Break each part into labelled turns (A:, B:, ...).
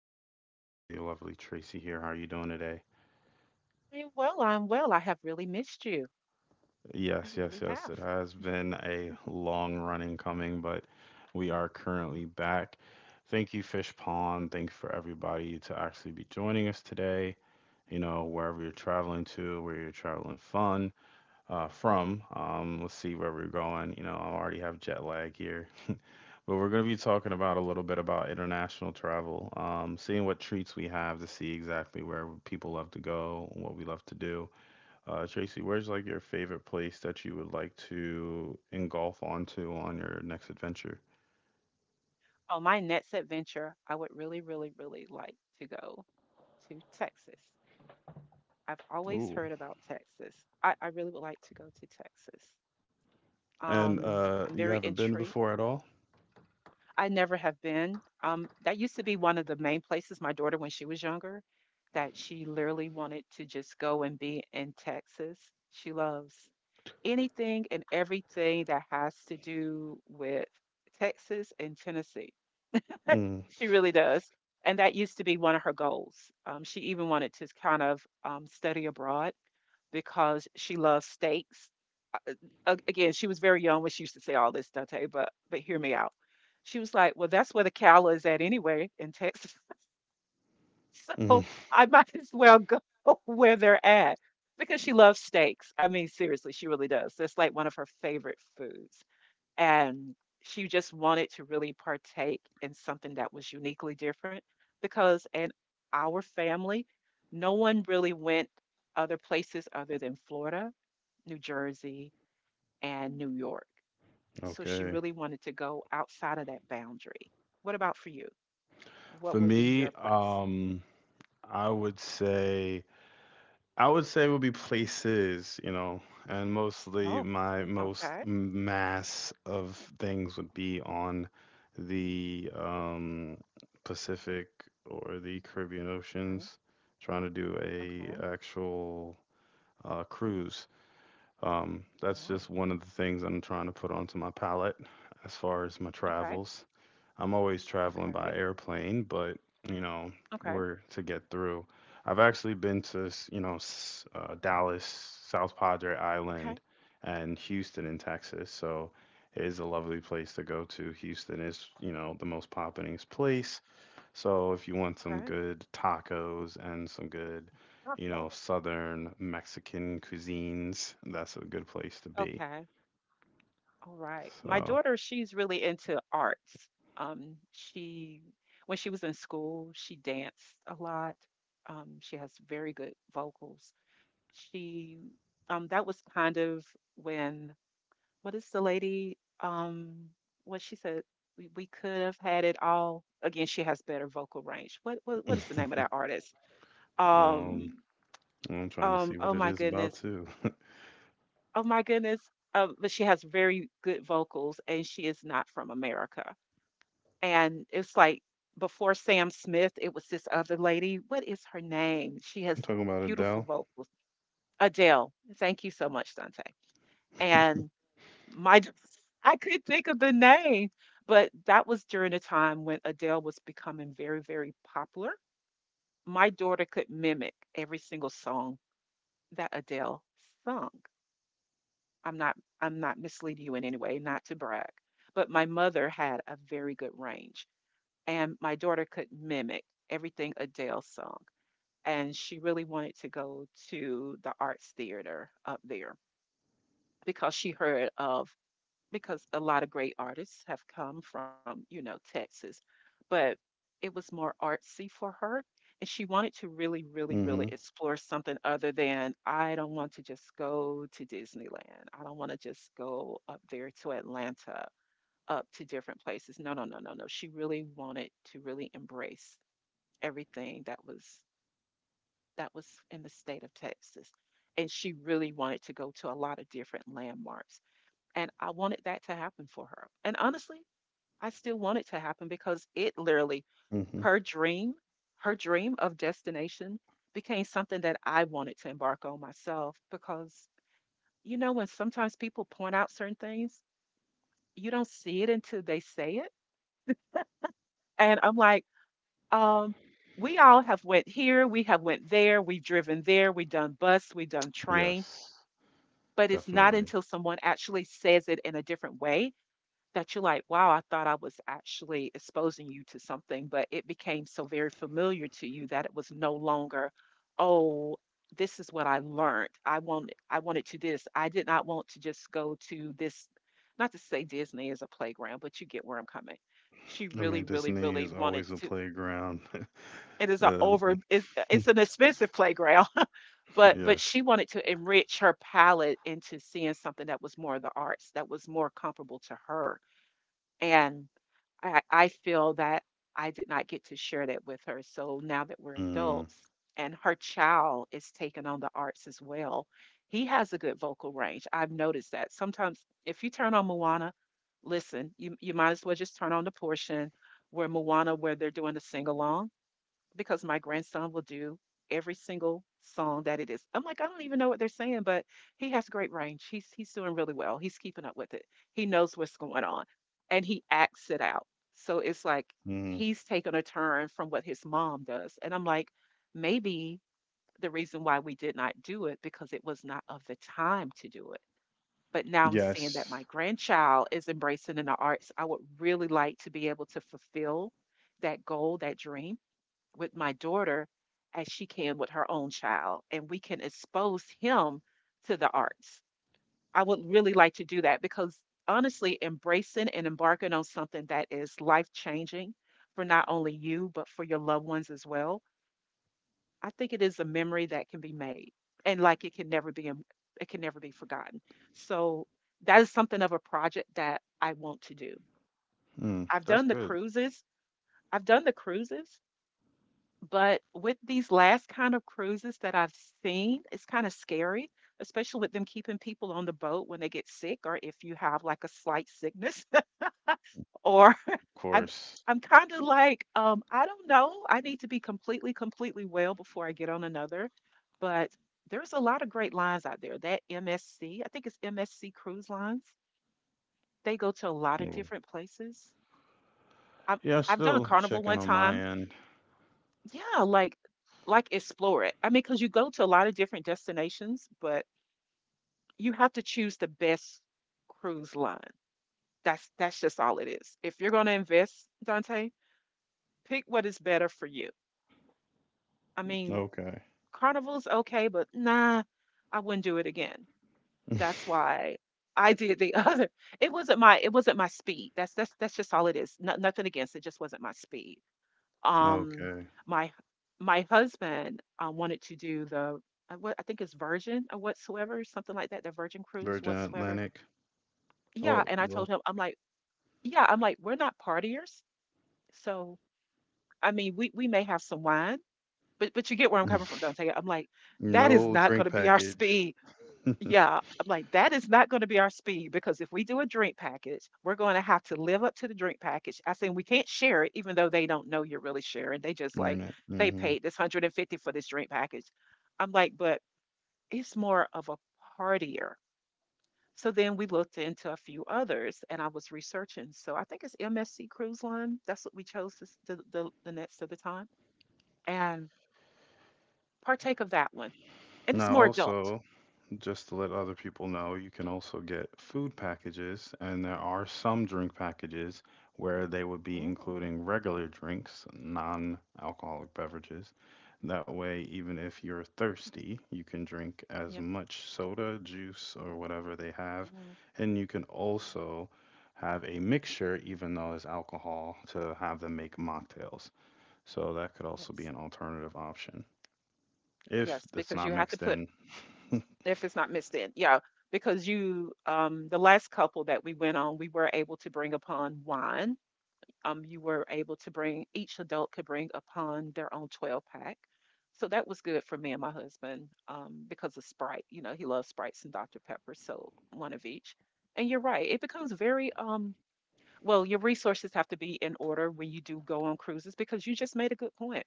A: mind. I have the lovely Tracy here. How are you doing today?
B: I'm well, I'm well. I have really missed you. I
A: Yes, yes,
B: really
A: yes.
B: have.
A: It has been a long running coming, but we are currently back. Thank you, Fish Pond. Thanks for everybody to actually be joining us today. You know, wherever you're traveling to, where you're traveling fun from. Let's see where we're going. You know, I already have jet lag here. But we're going to be talking about a little bit about international travel, seeing what treats we have to see exactly where people love to go and what we love to do. Tracy, where's like your favorite place that you would like to engulf onto on your next adventure?
B: Oh, my next adventure, I would really, really, really like to go to Texas. I've always
A: Ooh.
B: heard about Texas. I really would like to go to Texas.
A: And
B: Um, I'm
A: you
B: very
A: haven't been
B: intrigued.
A: before at all?
B: I never have been. That used to be one of the main places my daughter, when she was younger, that she literally wanted to just go and be in Texas. She loves anything and everything that has to do with Texas and Tennessee.
A: Mm,
B: She really does. And that used to be one of her goals. She even wanted to kind of study abroad because she loves steaks. Again, she was very young when she used to say all this, Dante, but hear me out. She was like, "Well, that's where the cow is at anyway in Texas,
A: mm,
B: so I might as well go where they're at." Because she loves steaks. I mean, seriously, she really does. That's like one of her favorite foods and she just wanted to really partake in something that was uniquely different because in our family, no one really went other places other than Florida, New Jersey, and New York. So she
A: okay.
B: really wanted to go outside of that boundary. What about for you? What
A: For
B: would be
A: me,
B: your place?
A: I would say would be places, you know, and mostly
B: Oh,
A: my most
B: okay.
A: mass of things would be on the Pacific or the Caribbean
B: Okay.
A: oceans, trying to do a
B: Okay.
A: actual cruise. That's
B: Wow.
A: just one of the things I'm trying to put onto my palette as far as my
B: Okay.
A: travels. I'm always traveling by
B: Okay.
A: airplane, but you know,
B: Okay.
A: we're to get through. I've actually been to, Dallas, South Padre
B: Okay.
A: Island, and Houston in Texas. So it is a lovely place to go to. Houston is, you know, the most poppinest place. So if you want some
B: Okay.
A: good tacos and some good, you know, Southern Mexican cuisines, that's a good place to be.
B: Okay. All right. My
A: So,
B: daughter, she's really into arts. Um, she, when she was in school, she danced a lot. She has very good vocals. She, that was kind of when, what is the lady? What she said, we could have had it all. Again, she has better vocal range. What is the name of that artist?
A: um,
B: Um,
A: I'm trying to see what
B: oh
A: it
B: my
A: is about
B: goodness.
A: too.
B: Oh my goodness. But she has very good vocals and she is not from America. And it's like before Sam Smith, it was this other lady. What is her name? She has
A: I'm talking about
B: beautiful
A: Adele.
B: vocals. Adele. Thank you so much, Dante. And my I couldn't think of the name, but that was during a time when Adele was becoming very, very popular. My daughter could mimic every single song that Adele sung. I'm not I'm not misleading you in any way, not to brag. But my mother had a very good range, and my daughter could mimic everything Adele sung. And she really wanted to go to the arts theater up there because because a lot of great artists have come from, you know, Texas, but it was more artsy for her. And she wanted to really, really, really
A: Hmm.
B: explore something other than, I don't want to just go to Disneyland. I don't want to just go up there to Atlanta, up to different places. No, no, no, no, no. She really wanted to really embrace everything that was in the state of Texas. And she really wanted to go to a lot of different landmarks. And I wanted that to happen for her. And honestly, I still want it to happen because it literally,
A: Hmm.
B: her dream, her dream of destination became something that I wanted to embark on myself because, you know, when sometimes people point out certain things, you don't see it until they say it. And I'm like, um we all have went here, we have went there, we've driven there, we've done bus, we've done train,
A: Yes,
B: but it's not
A: definitely.
B: until someone actually says it in a different way that you're like, wow, I thought I was actually exposing you to something, but it became so very familiar to you that it was no longer, oh, this is what I learned. I wanted to this. I did not want to just go to this. Not to say Disney is a playground, but you get where I'm coming. She
A: I
B: really,
A: mean,
B: really,
A: Disney
B: really
A: is
B: wanted
A: always a
B: to,
A: playground.
B: it is a
A: Uh,
B: over it's an expensive playground, but
A: yes.
B: she wanted to enrich her palette into seeing something that was more of the arts, that was more comparable to her. And I feel that I did not get to share that with her. So now that we're
A: Mm,
B: adults and her child is taking on the arts as well, he has a good vocal range. I've noticed that. Sometimes if you turn on Moana, listen, you might as well just turn on the portion where Moana, where they're doing the sing along, because my grandson will do every single song that it is. I'm like, I don't even know what they're saying, but he has great range. He's doing really well. He's keeping up with it. He knows what's going on and he acts it out. So it's like
A: mm,
B: he's taken a turn from what his mom does. And I'm like, maybe the reason why we did not do it because it was not of the time to do it. But now I'm seeing that
A: yes.
B: my grandchild is embracing in the arts. I would really like to be able to fulfill that goal, that dream with my daughter, as she can with her own child, and we can expose him to the arts. I would really like to do that because honestly, embracing and embarking on something that is life changing for not only you, but for your loved ones as well, I think it is a memory that can be made and like it can never be, it can never be forgotten. So that is something of a project that I want to do.
A: Mm,
B: I've
A: that's
B: done the
A: good.
B: cruises. I've done the cruises. But with these last kind of cruises that I've seen, it's kind of scary, especially with them keeping people on the boat when they get sick or if you have like a slight sickness. Or
A: Of
B: I'm
A: course.
B: I'm kind of like, I don't know. I need to be completely, completely well before I get on another. But there's a lot of great lines out there. That MSC, I think it's MSC Cruise Lines. They go to a lot of
A: Mm.
B: different places. I've
A: Yeah,
B: I've done a
A: still
B: Carnival one
A: checking on my
B: time.
A: end.
B: Yeah, like explore it. I mean, cause you go to a lot of different destinations, but you have to choose the best cruise line. That's just all it is. If you're gonna invest, Dante, pick what is better for you. I mean,
A: Okay.
B: Carnival's okay, but nah, I wouldn't do it again. That's why I did the other. It wasn't my speed. That's just all it is. No, nothing against it, just wasn't my speed. Um,
A: Okay.
B: my my husband, wanted to do the what I think is Virgin or whatsoever, something like that, the Virgin Cruise
A: Virgin
B: whatsoever.
A: Atlantic.
B: Yeah,
A: Oh,
B: and I told
A: well.
B: him, I'm like, yeah, I'm like, we're not partiers, so I mean, we may have some wine, but you get where I'm coming from, Dante. I'm like, that is
A: No
B: not going
A: drink
B: to be our
A: package.
B: speed. Yeah, I'm like, that is not going to be our speed because if we do a drink package, we're going to have to live up to the drink package. I said, we can't share it, even though they don't know you're really sharing. They just like,
A: Internet.
B: they
A: Mm-hmm.
B: paid this 150 for this drink package. I'm like, but it's more of a partier. So then we looked into a few others and I was researching. So I think it's MSC Cruise Line. That's what we chose this, the next of the time and partake of that one. And it's
A: Now,
B: more adult.
A: also, just to let other people know, you can also get food packages, and there are some drink packages where they would be
B: Mm,
A: including regular drinks, non alcoholic beverages. That way, even if you're thirsty, you can drink as
B: yep.
A: much soda, juice, or whatever they have.
B: Yeah,
A: And you can
B: mm,
A: also have a mixture, even though it's alcohol, to have them make mocktails. So that could also be
B: yes.
A: an alternative option if
B: Yes,
A: it's
B: because
A: not
B: you have to
A: mixed
B: put
A: in.
B: if it's not mixed in. Yeah, because you the last couple that we went on, we were able to bring upon wine. You were able to bring, each adult could bring upon their own 12 pack. So that was good for me and my husband because of Sprite, you know, he loves Sprites and Dr. Pepper, so one of each. And you're right, it becomes very well, your resources have to be in order when you do go on cruises because you just made a good point.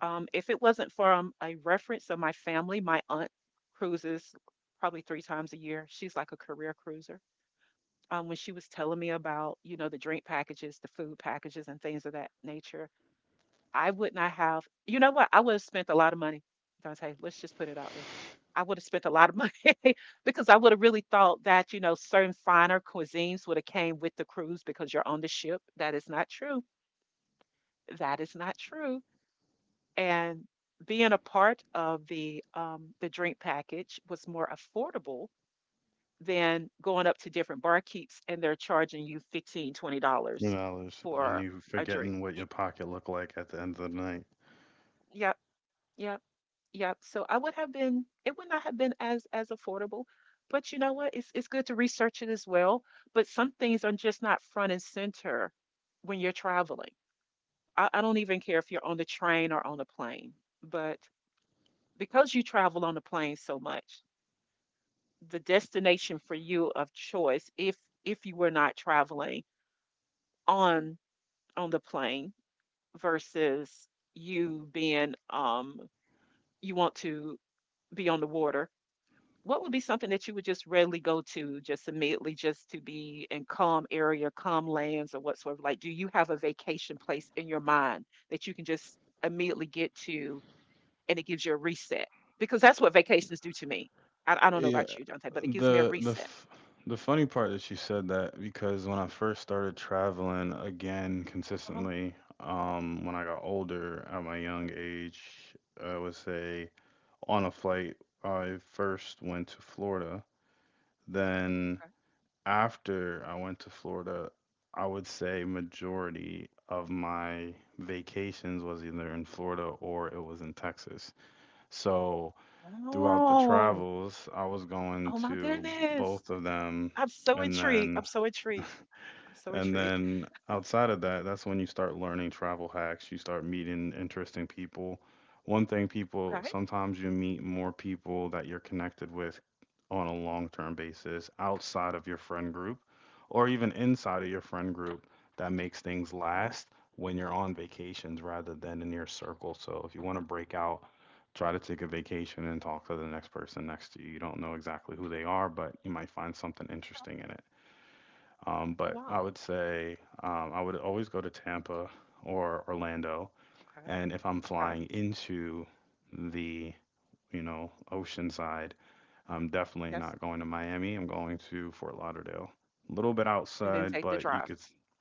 B: If it wasn't for a reference of my family, my aunt cruises probably 3 times a year. She's like a career cruiser. When she was telling me about, you know, the drink packages, the food packages, and things of that nature, I would not have, you know what? I would have spent a lot of money, Dante. Let's just put it out there. I would have spent a lot of money because I would have really thought that, you know, certain finer cuisines would have came with the cruise because you're on the ship. That is not true. That is not true. And being a part of the drink package was more affordable than going up to different barkeeps and they're charging you 15 20
A: Two
B: dollars
A: dollars, and
B: for
A: you
B: a drink.
A: forgetting what your pocket looked like at the end of the night.
B: Yep, yep, yep. So I would have been it would not have been as affordable. But you know what, it's good to research it as well, but some things are just not front and center when you're traveling. I don't even care if you're on the train or on a plane, but because you travel on the plane so much, the destination for you of choice, if you were not traveling on on the plane, versus you being you want to be on the water. What would be something that you would just readily go to, just immediately, just to be in calm area, calm lands or whatsoever? Like, do you have a vacation place in your mind that you can just immediately get to, and it gives you a reset? Because that's what vacations do to me. I don't know
A: Yeah,
B: about you, Dante, but it gives me a
A: the the
B: reset.
A: f- the funny part that she said that because when I first started traveling again
B: Uh-huh.
A: consistently, when I got older at my young age, I would say on a flight, I first went to Florida. Then after I went to Florida, I would say majority of my vacations was either in Florida or it was in Texas. So throughout the
B: Oh!
A: travels, I was going
B: Oh my
A: to
B: goodness.
A: both of them,
B: I'm so
A: and
B: intrigued.
A: then
B: I'm so intrigued. I'm so intrigued.
A: outside of that, that's when you start learning travel hacks. You start meeting interesting people. One thing
B: Okay.
A: people
B: Okay.
A: sometimes you meet more people that you're connected with on a long-term basis outside of your friend group or even inside of your friend group that makes things
B: Okay. Okay.
A: last when you're on vacations rather than in your circle. So if you want to break out try to take a vacation and talk to the next person next to you. You don't know exactly who they are, but you might find something interesting in it. Um,
B: Oh
A: but I
B: wow.
A: would say I would always go to Tampa or Orlando,
B: Okay.
A: and if I'm
B: Okay.
A: flying into the ocean side, I'm definitely
B: Yes.
A: not going to Miami. I'm going to Fort Lauderdale, a little bit
B: And then
A: outside,
B: take the
A: but you
B: drive.
A: could.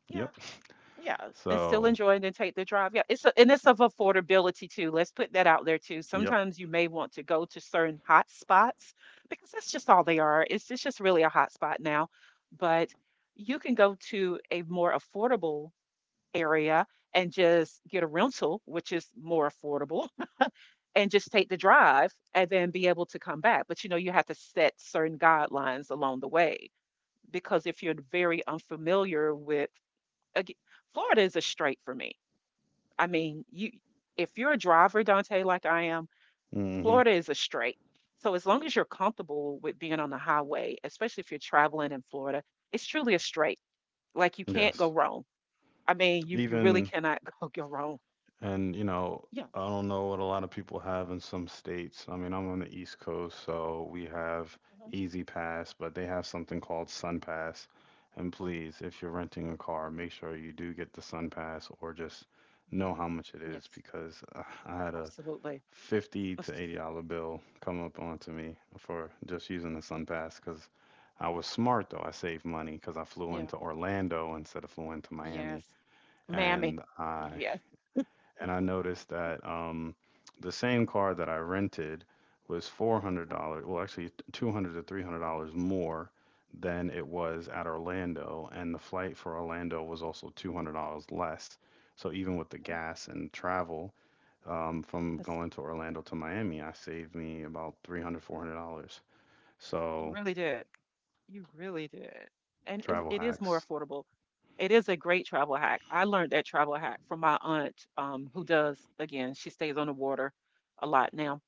B: Yeah.
A: Yep.
B: Yeah. And still
A: So,
B: enjoy and then take the drive. Yeah. And it's of affordability too. Let's put that out there too.
A: yep.
B: Sometimes you may want to go to certain hot spots, because that's just all they are. It's just really a hot spot now. But you can go to a more affordable area and just get a rental, which is more affordable, and just take the drive and then be able to come back. But you know, you have to set certain guidelines along the way, because if you're very unfamiliar with, again, Florida is a straight for me. I mean, you if you're a driver, Dante, like I am,
A: Hmm.
B: Florida is a straight. So as long as you're comfortable with being on the highway, especially if you're traveling in Florida, it's truly a straight. Like you can't go
A: Yes.
B: wrong. I mean, you really
A: Even
B: cannot go wrong.
A: And, you know,
B: Yeah.
A: I don't know what a lot of people have in some states. I mean, I'm on the East Coast, so we have
B: Mhm.
A: Easy Pass, but they have something called Sun Pass. And please, if you're renting a car, make sure you do get the Sun Pass or just
B: Mhm.
A: know how much it is
B: Yes,
A: because I had a
B: absolutely.
A: 50 to 80 dollar bill come up onto me for just using the Sun Pass because I was smart though. I saved money because I flew
B: Yeah.
A: into Orlando instead of flew into Miami
B: Yes. Mammy.
A: and I
B: Yes.
A: and I noticed that the same car that I rented was $400, well, actually $200 to $300 more than it was at Orlando, and the flight for Orlando was also $200 less. So even with the
B: Mhm.
A: gas and travel from
B: Yes.
A: going to Orlando to Miami, I saved me about 300, $400.
B: You
A: So
B: really did. You really did. And it,
A: travel
B: it is more
A: hacks.
B: affordable. It is a great travel hack. I learned that travel hack from my aunt, who does, again, she stays on the water a lot now.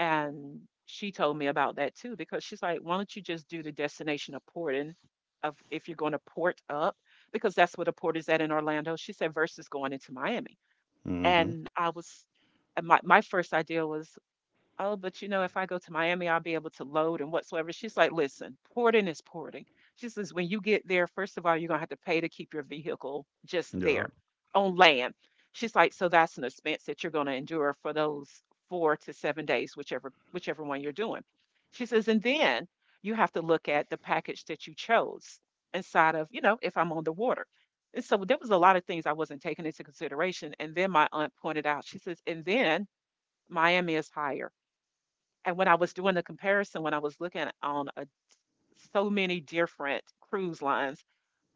B: And she told me about that too, because she's like, why don't you just do the destination of porting of if you're going to port up, because that's what a port is at in Orlando. She said, versus going into Miami.
A: Mm-hmm.
B: And I was, and my first idea was, oh, but you know, if I go to Miami, I'll be able to load and whatsoever. She's like, listen, porting is porting. She says, when you get there, first of all, you're going to have to pay to keep your vehicle just there
A: Yup.
B: on land. She's like, so that's an expense that you're going to endure for those 4 to 7 days, whichever one you're doing. She says, and then you have to look at the package that you chose inside of, you know, if I'm on the water. And so there was a lot of things I wasn't taking into consideration. And then my aunt pointed out, she says, and then Miami is higher, and when I was doing the comparison, when I was looking on a, so many different cruise lines,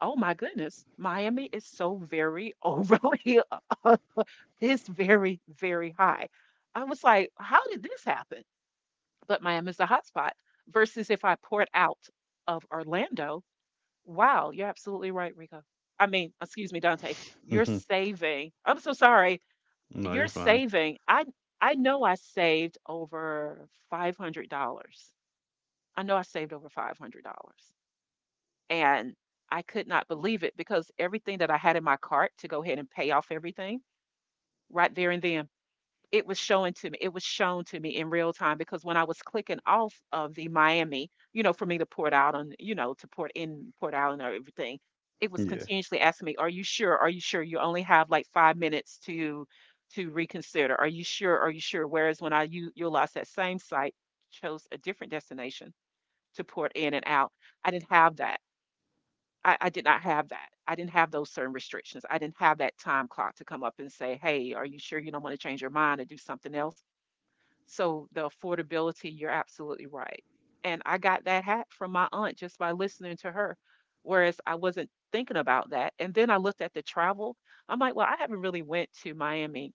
B: oh my goodness, Miami is so very overly, it's very, very high. I was like, how did this happen? But Miami's the hotspot. Versus if I poured out of Orlando, wow, you're absolutely right, Rico. I mean, excuse me, Dante, you're
A: Mm-hmm.
B: saving. I'm so sorry.
A: No,
B: You're
A: you're fine.
B: saving. I know I saved over $500. I know I saved over $500. And I could not believe it, because everything that I had in my cart to go ahead and pay off everything right there and then, it was showing to me. It was shown to me in real time, because when I was clicking off of the Miami, you know, for me to port out on, you know, to port in, port out and everything, it was
A: Yeah.
B: continuously asking me, are you sure? Are you sure? You only have like 5 minutes to reconsider. Are you sure? Are you sure? Whereas when I utilized that same site, chose a different destination, to port in and out. I didn't have that. I did not have that. I didn't have those certain restrictions. I didn't have that time clock to come up and say, hey, are you sure you don't want to change your mind and do something else? So the affordability, you're absolutely right. And I got that hat from my aunt just by listening to her, whereas I wasn't thinking about that. And then I looked at the travel. I'm like, well, I haven't really went to Miami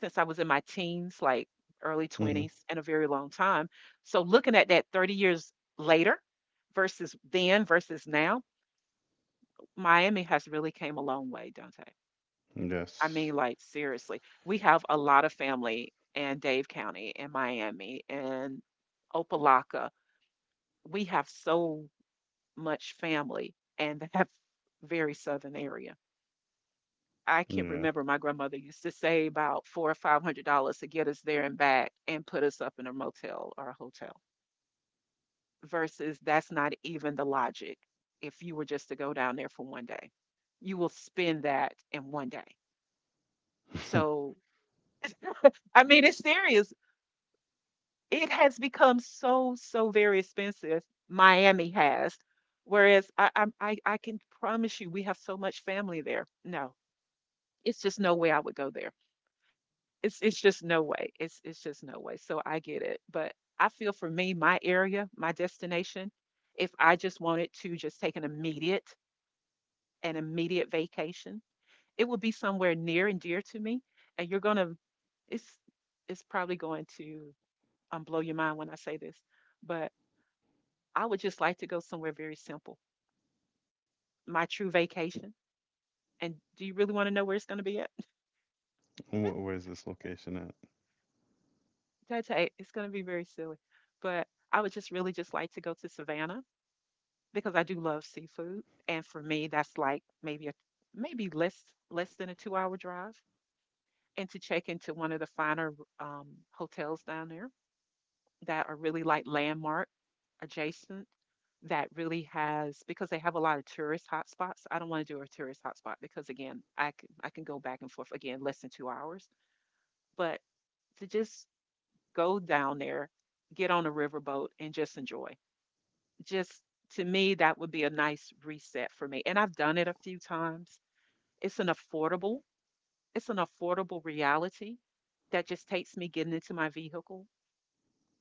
B: since I was in my teens, like early
A: Mm-hmm.
B: 20s, and a very long time. So looking at that 30 years later, versus then versus now, Miami has really came a long way, Dante. I
A: Yes.
B: mean, like, seriously, we have a lot of family in Dave County and Miami and Opelika. We have so much family in that very southern area. I can
A: Yeah.
B: remember my grandmother used to say about four or five hundred dollars to get us there and back and put us up in a motel or a hotel, versus that's not even the logic. If you were just to go down there for one day, you will spend that in one day. So, I mean, it's serious. It has become so, so very expensive. Miami has. Whereas I can promise you, we have so much family there. No, it's just no way I would go there. It's just no way. It's just no way. So I get it, but I feel for me, my area, my destination, if I just wanted to just take an immediate vacation, it would be somewhere near and dear to me. And you're gonna, it's it's probably going to blow your mind when I say this, but I would just like to go somewhere very simple, my true vacation. And do you really want to know where it's gonna be at?
A: Wh where's this location at?
B: Dante, it's gonna be very silly, but I would just really just like to go to Savannah, because I do love seafood, and for me, that's like maybe less than a 2 hour drive, and to check into one of the finer um, hotels down there that are really like landmark adjacent, that really has, because they have a lot of tourist hotspots. I don't want to do a tourist hotspot, because again, I can go back and forth again less than 2 hours, but to just go down there, get on a riverboat, and just enjoy. Just, to me, that would be a nice reset for me. And I've done it a few times. It's an affordable, it's an affordable reality that just takes me getting into my vehicle,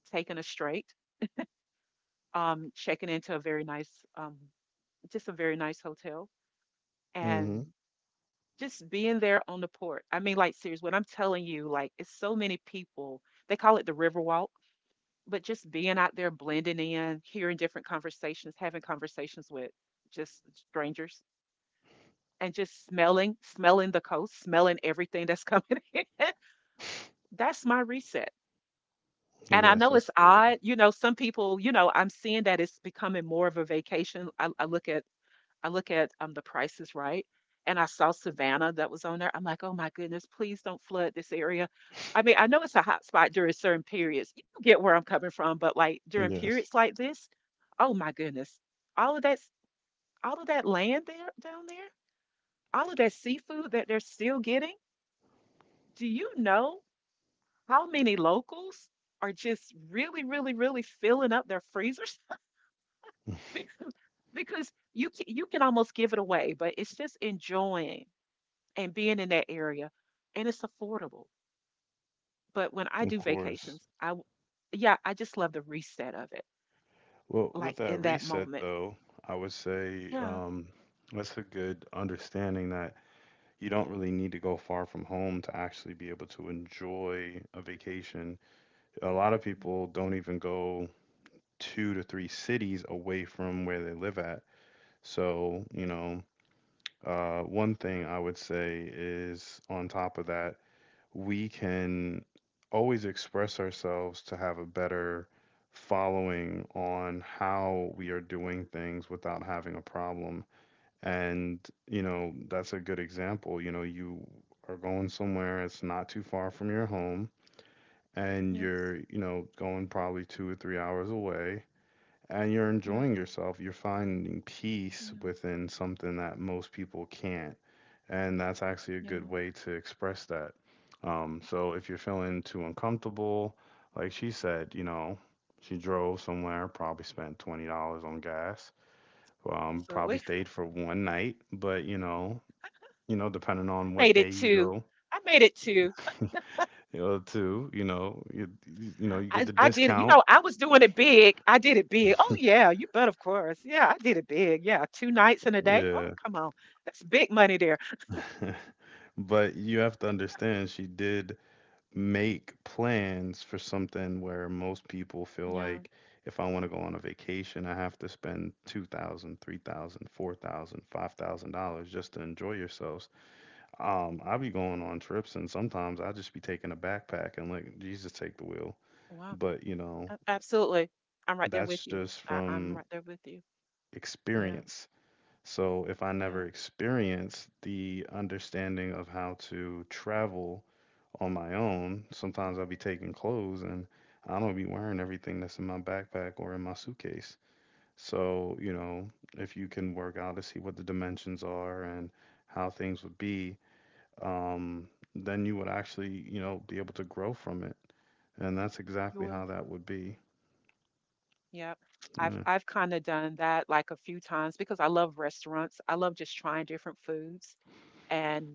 B: taking a straight, checking into a very nice, um, just a very nice hotel, and
A: Hmm.
B: just being there on the port. I mean, like, seriously, what I'm telling you, like, it's so many people, they call it the river walk, but just being out there, blending in, hearing different conversations, having conversations with just strangers, and just smelling the coast, smelling everything that's coming in. That's my reset. And I
A: Yes,
B: know
A: that's
B: it's
A: good.
B: odd, you know, some people, you know, I'm seeing that it's becoming more of a vacation. I look at the prices, right. And I saw Savannah that was on there. I'm like, oh my goodness, please don't flood this area. I mean, I know it's a hot spot during certain periods. You get where I'm coming from, but like during
A: Yes,
B: periods like this, oh my goodness. All of that, all of that land there down there, all of that seafood that they're still getting. Do you know how many locals are just really, really, really filling up their freezers, Be- because you can almost give it away, but it's just enjoying and being in that area, and it's affordable. But when I
A: of
B: do
A: course.
B: vacations, yeah, I just love the reset of it,
A: Well, with
B: like
A: that
B: in that
A: reset
B: moment.
A: though, I would say
B: Yeah,
A: that's a good understanding that you don't really need to go far from home to actually be able to enjoy a vacation. A lot of
B: yeah,
A: people don't even go two to three cities away from where they live at. So, you know, one
B: yeah,
A: thing I would say is on top of that we can always express ourselves to have a better following on how we are doing things without having a problem. And, you know, that's a good example. You know, you are going somewhere, it's not too far from your home, and
B: yes,
A: you're, you know, going probably 2 or 3 hours away. And you're
B: yes,
A: enjoying yourself. You're finding peace
B: yeah,
A: within something that most people can't and that's actually a good
B: yeah,
A: way to express that. So if you're feeling too uncomfortable, like she said, you know, she drove somewhere, probably spent $20 on gas, probably
B: absolutely.
A: stayed
B: I
A: for one night, but depending on what
B: made
A: day
B: it
A: you
B: too.
A: go,
B: I made it too.
A: you know, too, you know, you get
B: I
A: the
B: I did it. You
A: discount,
B: know, I was doing it big. I did it big. Oh yeah, you bet, of course. Yeah, I did it big. Yeah, 2 nights in a day. Oh,
A: yeah.
B: come on. That's big money there.
A: But you have to understand, she did make plans for something where most people feel
B: Yeah.
A: like if I want to go on a vacation, I have to spend $2,000, $3,000, $4,000, $5,000 just to enjoy yourselves. I be going on trips and sometimes I will just be taking a backpack and let Jesus take the wheel.
B: Wow.
A: But you know,
B: A- Absolutely. I'm right there with
A: that's
B: you.
A: just
B: I'm
A: from
B: right there with you. Yeah.
A: experience. So if I never
B: Yeah.
A: experience the understanding of how to travel on my own.
B: Mm,
A: Sometimes I'll be taking clothes and I don't be wearing everything that's in my backpack or in my suitcase. So, you know, if you can work out to see what the dimensions are and how things would be, um, then you would actually, you know, be able to grow from it. And that's
B: you
A: exactly how
B: will.
A: that would be.
B: Yeah. I've
A: Yeah.
B: I've kind of done that like a few times because I love restaurants. I love just trying different foods, and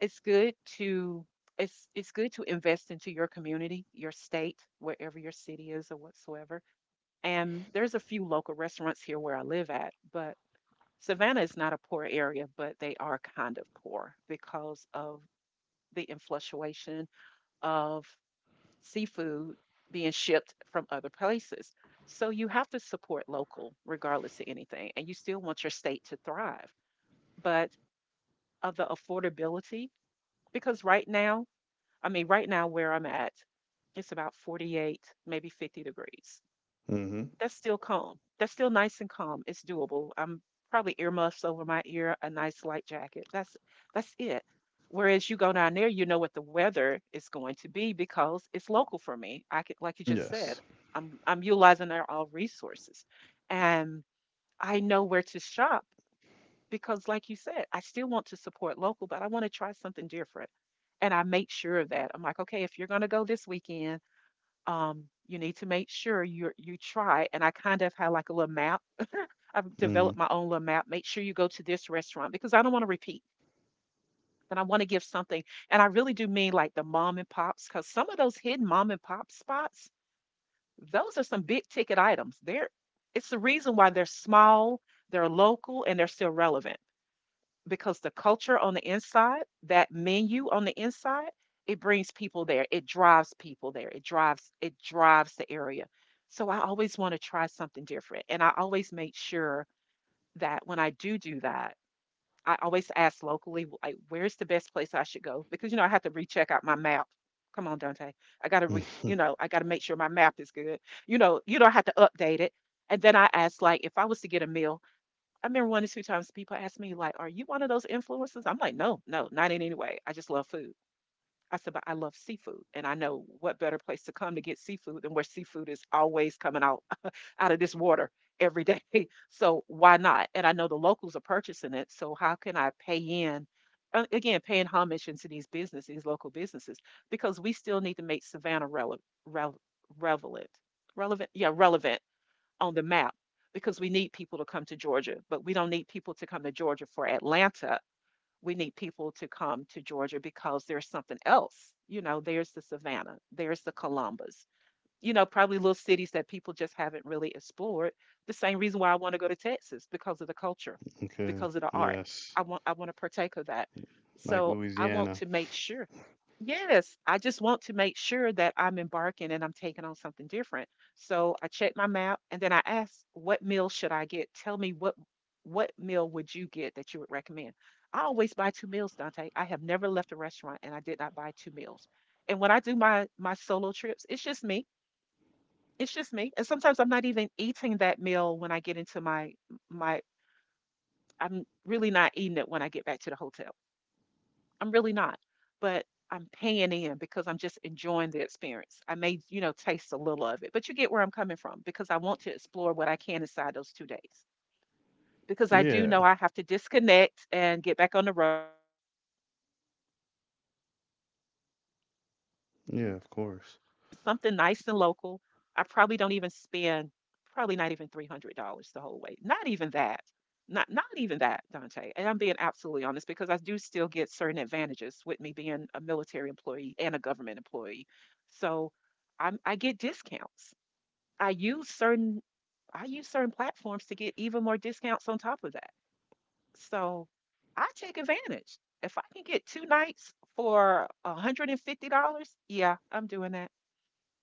B: it's good to it's good to invest into your community, your state, wherever your city is or whatsoever. And there's a few local restaurants here where I live at, but Savannah is not a poor area, but they are kind of poor because of the influctuation of seafood being shipped from other places. So you have to support local regardless of anything, and you still want your state to thrive. But of the affordability, because right now, I mean, right now where I'm at, it's about 48, maybe 50 degrees.
A: Hmm.
B: That's still calm. That's still nice and calm. It's doable. I'm probably earmuffs over my ear, a nice light jacket. That's it. Whereas you go down there, you know what the weather is going to be because it's local for me. I can, like you just
A: Yes.
B: said, I'm utilizing our all resources, and I know where to shop because, like you said, I still want to support local, but I want to try something different. And I make sure of that. I'm like, okay, if you're going to go this weekend, you need to make sure you try. And I kind of had like a little map. I've
A: Mm-hmm.
B: developed my own little map. Make sure you go to this restaurant because I don't want to repeat. And I want to give something. And I really do mean like the mom and pops, because some of those hidden mom and pop spots, those are some big ticket items. They're it's the reason why they're small, they're local, and they're still relevant because the culture on the inside, that menu on the inside, it brings people there. It drives people there. It drives the area. So I always want to try something different, and I always make sure that when I do do that, I always ask locally, like, where's the best place I should go? Because you know I have to recheck out my map. Come on, Dante. I gotta re, I gotta make sure my map is good. You know, you don't have to update it. And then I ask, like, if I was to get a meal, I remember one or two times people asked me, like, are you one of those influencers? I'm like, no, no, not in any way. I just love food. I said, but I love seafood. And I know what better place to come to get seafood than where seafood is always coming out out of this water every day. So why not? And I know the locals are purchasing it. So how can I pay in? Again, paying homage into these businesses, these local businesses, because we still need to make Savannah relevant, relevant, relevant, yeah, relevant on the map because we need people to come to Georgia, but we don't need people to come to Georgia for Atlanta. We need people to come to Georgia because there's something else. You know, there's the Savannah, there's the Columbus, you know, probably little cities that people just haven't really explored. The same reason why I want to go to Texas because of the culture,
A: Okay.
B: because of the art.
A: Yes.
B: I want to partake of that.
A: Like
B: So I want
A: Louisiana.
B: to make sure. Yes, I just want to make sure that I'm embarking and I'm taking on something different. So I check my map and then I ask, what meal should I get? Tell me what meal would you get that you would recommend? I always buy two meals, Dante. I have never left a restaurant and I did not buy two meals. And when I do my solo trips, it's just me. It's just me, and sometimes I'm not even eating that meal when I get into my I'm really not eating it when I get back to the hotel. I'm really not. But I'm paying in because I'm just enjoying the experience. I may, you know, taste a little of it, but you get where I'm coming from because I want to explore what I can inside those 2 days. Because I do know
A: Yeah.
B: I have to disconnect and get back on the road and come home. But it's just something nice and
A: Yeah, of
B: local.
A: course.
B: I probably don't even spend probably not even $300 the whole way. Not even that. Not not even that, Dante, and I'm being absolutely honest because I do still get certain advantages with me being a military employee and a government employee. So I get discounts. i use certain I use certain platforms to get even more discounts on top of that. So I take advantage. If I can get two nights for $150, yeah, I'm doing that.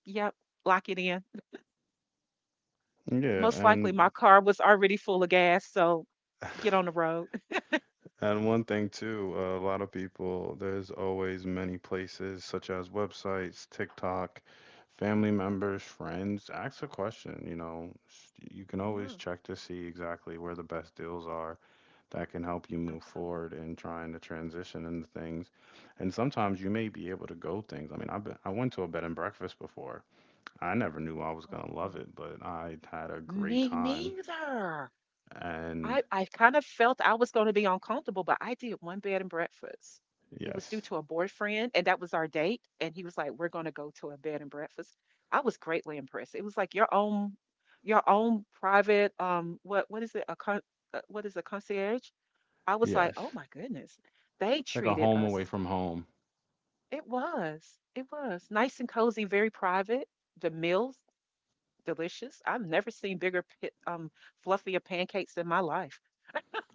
B: Yep, lock it in.
A: Yeah.
B: Most likely my
A: And
B: car was already full of gas, so get on the road.
A: And one thing too, a lot of people, there's always many places such as websites, TikTok, family members, friends. Ask a question, you know, you can always
B: Yeah,
A: check to see exactly where the best deals are that can help you move
B: absolutely.
A: forward in trying to transition into things. And sometimes you may be able to go things. I mean, I've been, I went to a bed and breakfast before. I never knew I was
B: Oh,
A: gonna love
B: wow.
A: it, but I had a great
B: Me
A: time.
B: neither.
A: And
B: I kind of felt I was going to be uncomfortable, but I did one bed and breakfast. It was due
A: yes,
B: to a boyfriend, and that was our date. And he was like, "We're going to go to a bed and breakfast." I was greatly impressed. It was like your own private what is it? A con what is a concierge? I was like,
A: yes.
B: "Oh my goodness, they
A: It's like a
B: treated
A: home
B: us."
A: away from home.
B: It was nice and cozy, very private. The meals delicious. I've never seen bigger, fluffier pancakes in my life.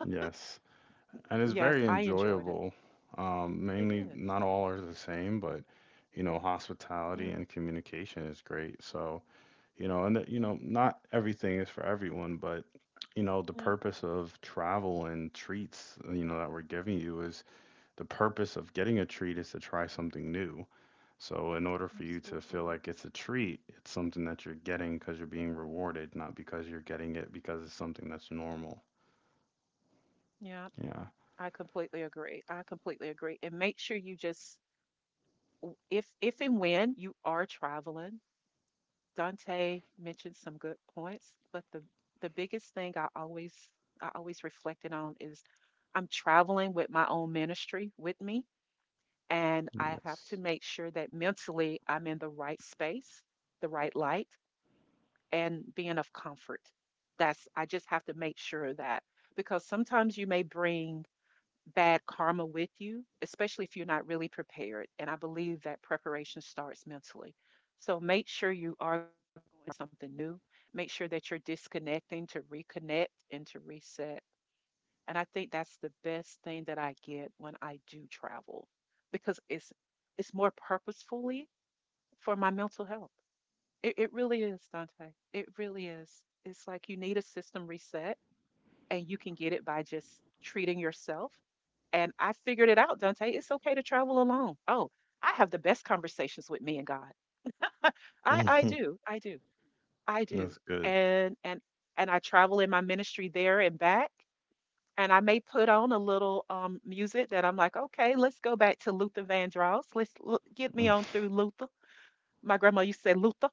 A: Yes. And it's
B: Yes,
A: very
B: I enjoyed it.
A: enjoyable. Um,
B: It
A: mainly,
B: is.
A: not all are the same, but you know,
B: Yeah,
A: hospitality and communication is great. So, you know, and that, you know, not everything is for everyone, but you know, the
B: yeah,
A: purpose of travel and treats, you know, that we're giving you is the purpose of getting a treat is to try something new. So, in order for you to
B: absolutely.
A: feel like it's a treat, it's something that you're getting because you're being rewarded, not because you're getting it because it's something that's normal.
B: Yeah, I
A: Yeah,
B: completely agree. I completely agree. And make sure you just, if and when you are traveling, Dante mentioned some good points, but the biggest thing I always reflected on is I'm traveling with my own ministry with me. And I have to
A: yes.
B: make sure that mentally I'm in the right space, the right light, and being of comfort. That's, I just have to make sure of that because sometimes you may bring bad karma with you, especially if you're not really prepared. And I believe that preparation starts mentally. So make sure you are going something new. Make sure that you're disconnecting to reconnect and to reset. And I think that's the best thing that I get when I do travel because it's more purposefully for my mental health. It really is, Dante. It really is. It's like you need a system reset, and you can get it by just treating yourself. And I figured it out, Dante. It's okay to travel alone. Oh, I have the best conversations with me and God. I do.
A: Hmm.
B: I do. I do.
A: That's good.
B: And and I travel in my ministry there and back. And I may put on a little music that I'm like, okay, let's go back to Luther Vandross. Get me
A: Mm.
B: on through Luther. My grandma used to say Luther.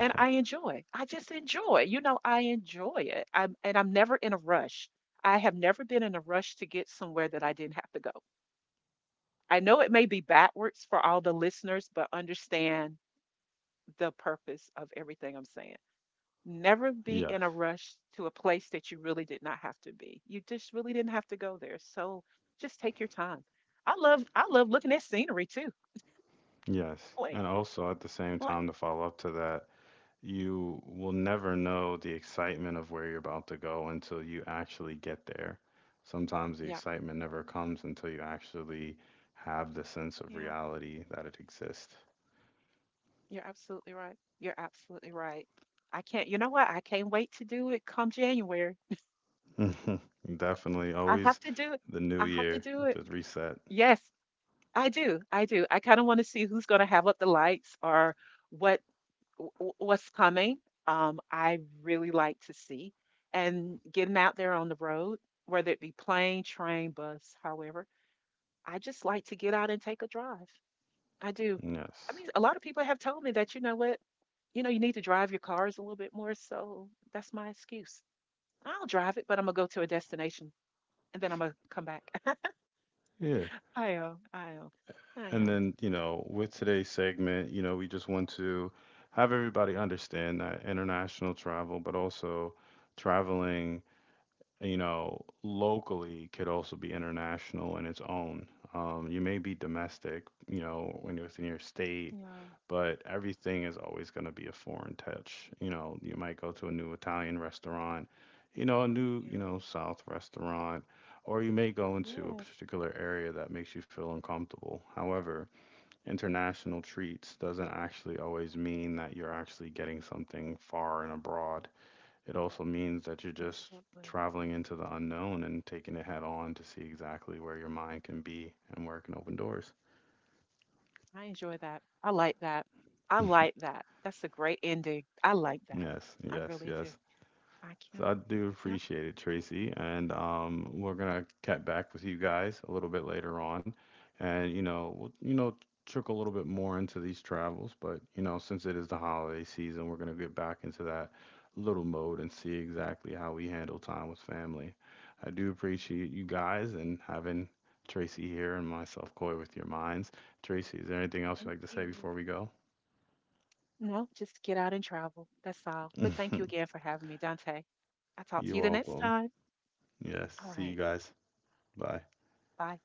B: And I enjoy. I just enjoy. You know, I enjoy it. I'm never in a rush. I have never been in a rush to get somewhere that I did have to go. I know it may be backwards for all the listeners, but understand the purpose of everything I'm saying. Never be
A: Yes.
B: in a rush to a place that you really did not have to be. You just really didn't have to go there. So just take your time. I love looking at scenery too.
A: Yes.
B: Like
A: And also at the same
B: like
A: time, to follow up to that, you will never know the excitement of where you're about to go until you actually get there. Sometimes the
B: yeah,
A: excitement never comes until you actually have the sense of
B: yeah.
A: reality that it exists.
B: You're absolutely right. You're absolutely right. I can't, you know what? I can't wait to do it come January.
A: Definitely
B: I have
A: always
B: to do it.
A: the new
B: I have to
A: year
B: do it.
A: to reset.
B: Yes, I do. I do. I kind of want to see who's going to have up the lights or what what's coming. I really like to see and getting out there on the road, whether it be plane, train, bus, however. I just like to get out and take a drive. I do. I
A: Yes.
B: mean, a lot of people have told me that, you know what? You know, you need to drive your cars a little bit more. So that's my excuse. I'll drive it, but I'm gonna go to a destination and then I'm gonna come back.
A: Yeah.
B: I am. I am. I
A: And
B: am.
A: then, you know, with today's segment, you know, we just want to have everybody understand that international travel, but also traveling, you know, locally could also be international in its own. You may be domestic, you know, when you're within your state,
B: Yeah.
A: but everything is always going to be a foreign touch. You know, you might go to a new Italian restaurant, you know, a new, you
B: Yeah.
A: know, South restaurant, or you may go into a
B: Yes.
A: particular area that makes you feel uncomfortable. However, international treats doesn't actually always mean that you're actually getting something far and abroad. It also means that you're just
B: Absolutely.
A: traveling into the unknown and taking it head on to see exactly where your mind can be and where it can open doors.
B: I enjoy that. I like that. I like that. That's a great ending. I like that.
A: Yes,
B: I
A: yes,
B: really do.
A: yes.
B: I
A: So
B: can't.
A: I do
B: Yep.
A: appreciate it, Tracy. And we're gonna cut back with you guys a little bit later on, and you know, we'll, you know, trickle a little bit more into these travels. But you know, since it is the holiday season, we're gonna get back into that little mode and see exactly how we handle time with family. I do appreciate you guys and having Tracy here and myself, Coy, with your minds. Tracy, is there anything else you'd
B: Thank
A: like to say
B: you.
A: before we go?
B: No, just get out and travel. That's all. But thank you again for having me, Dante. I'll talk to
A: You're
B: you the next
A: welcome.
B: time.
A: Yes.
B: All
A: See you
B: right.
A: guys. Bye.
B: Bye.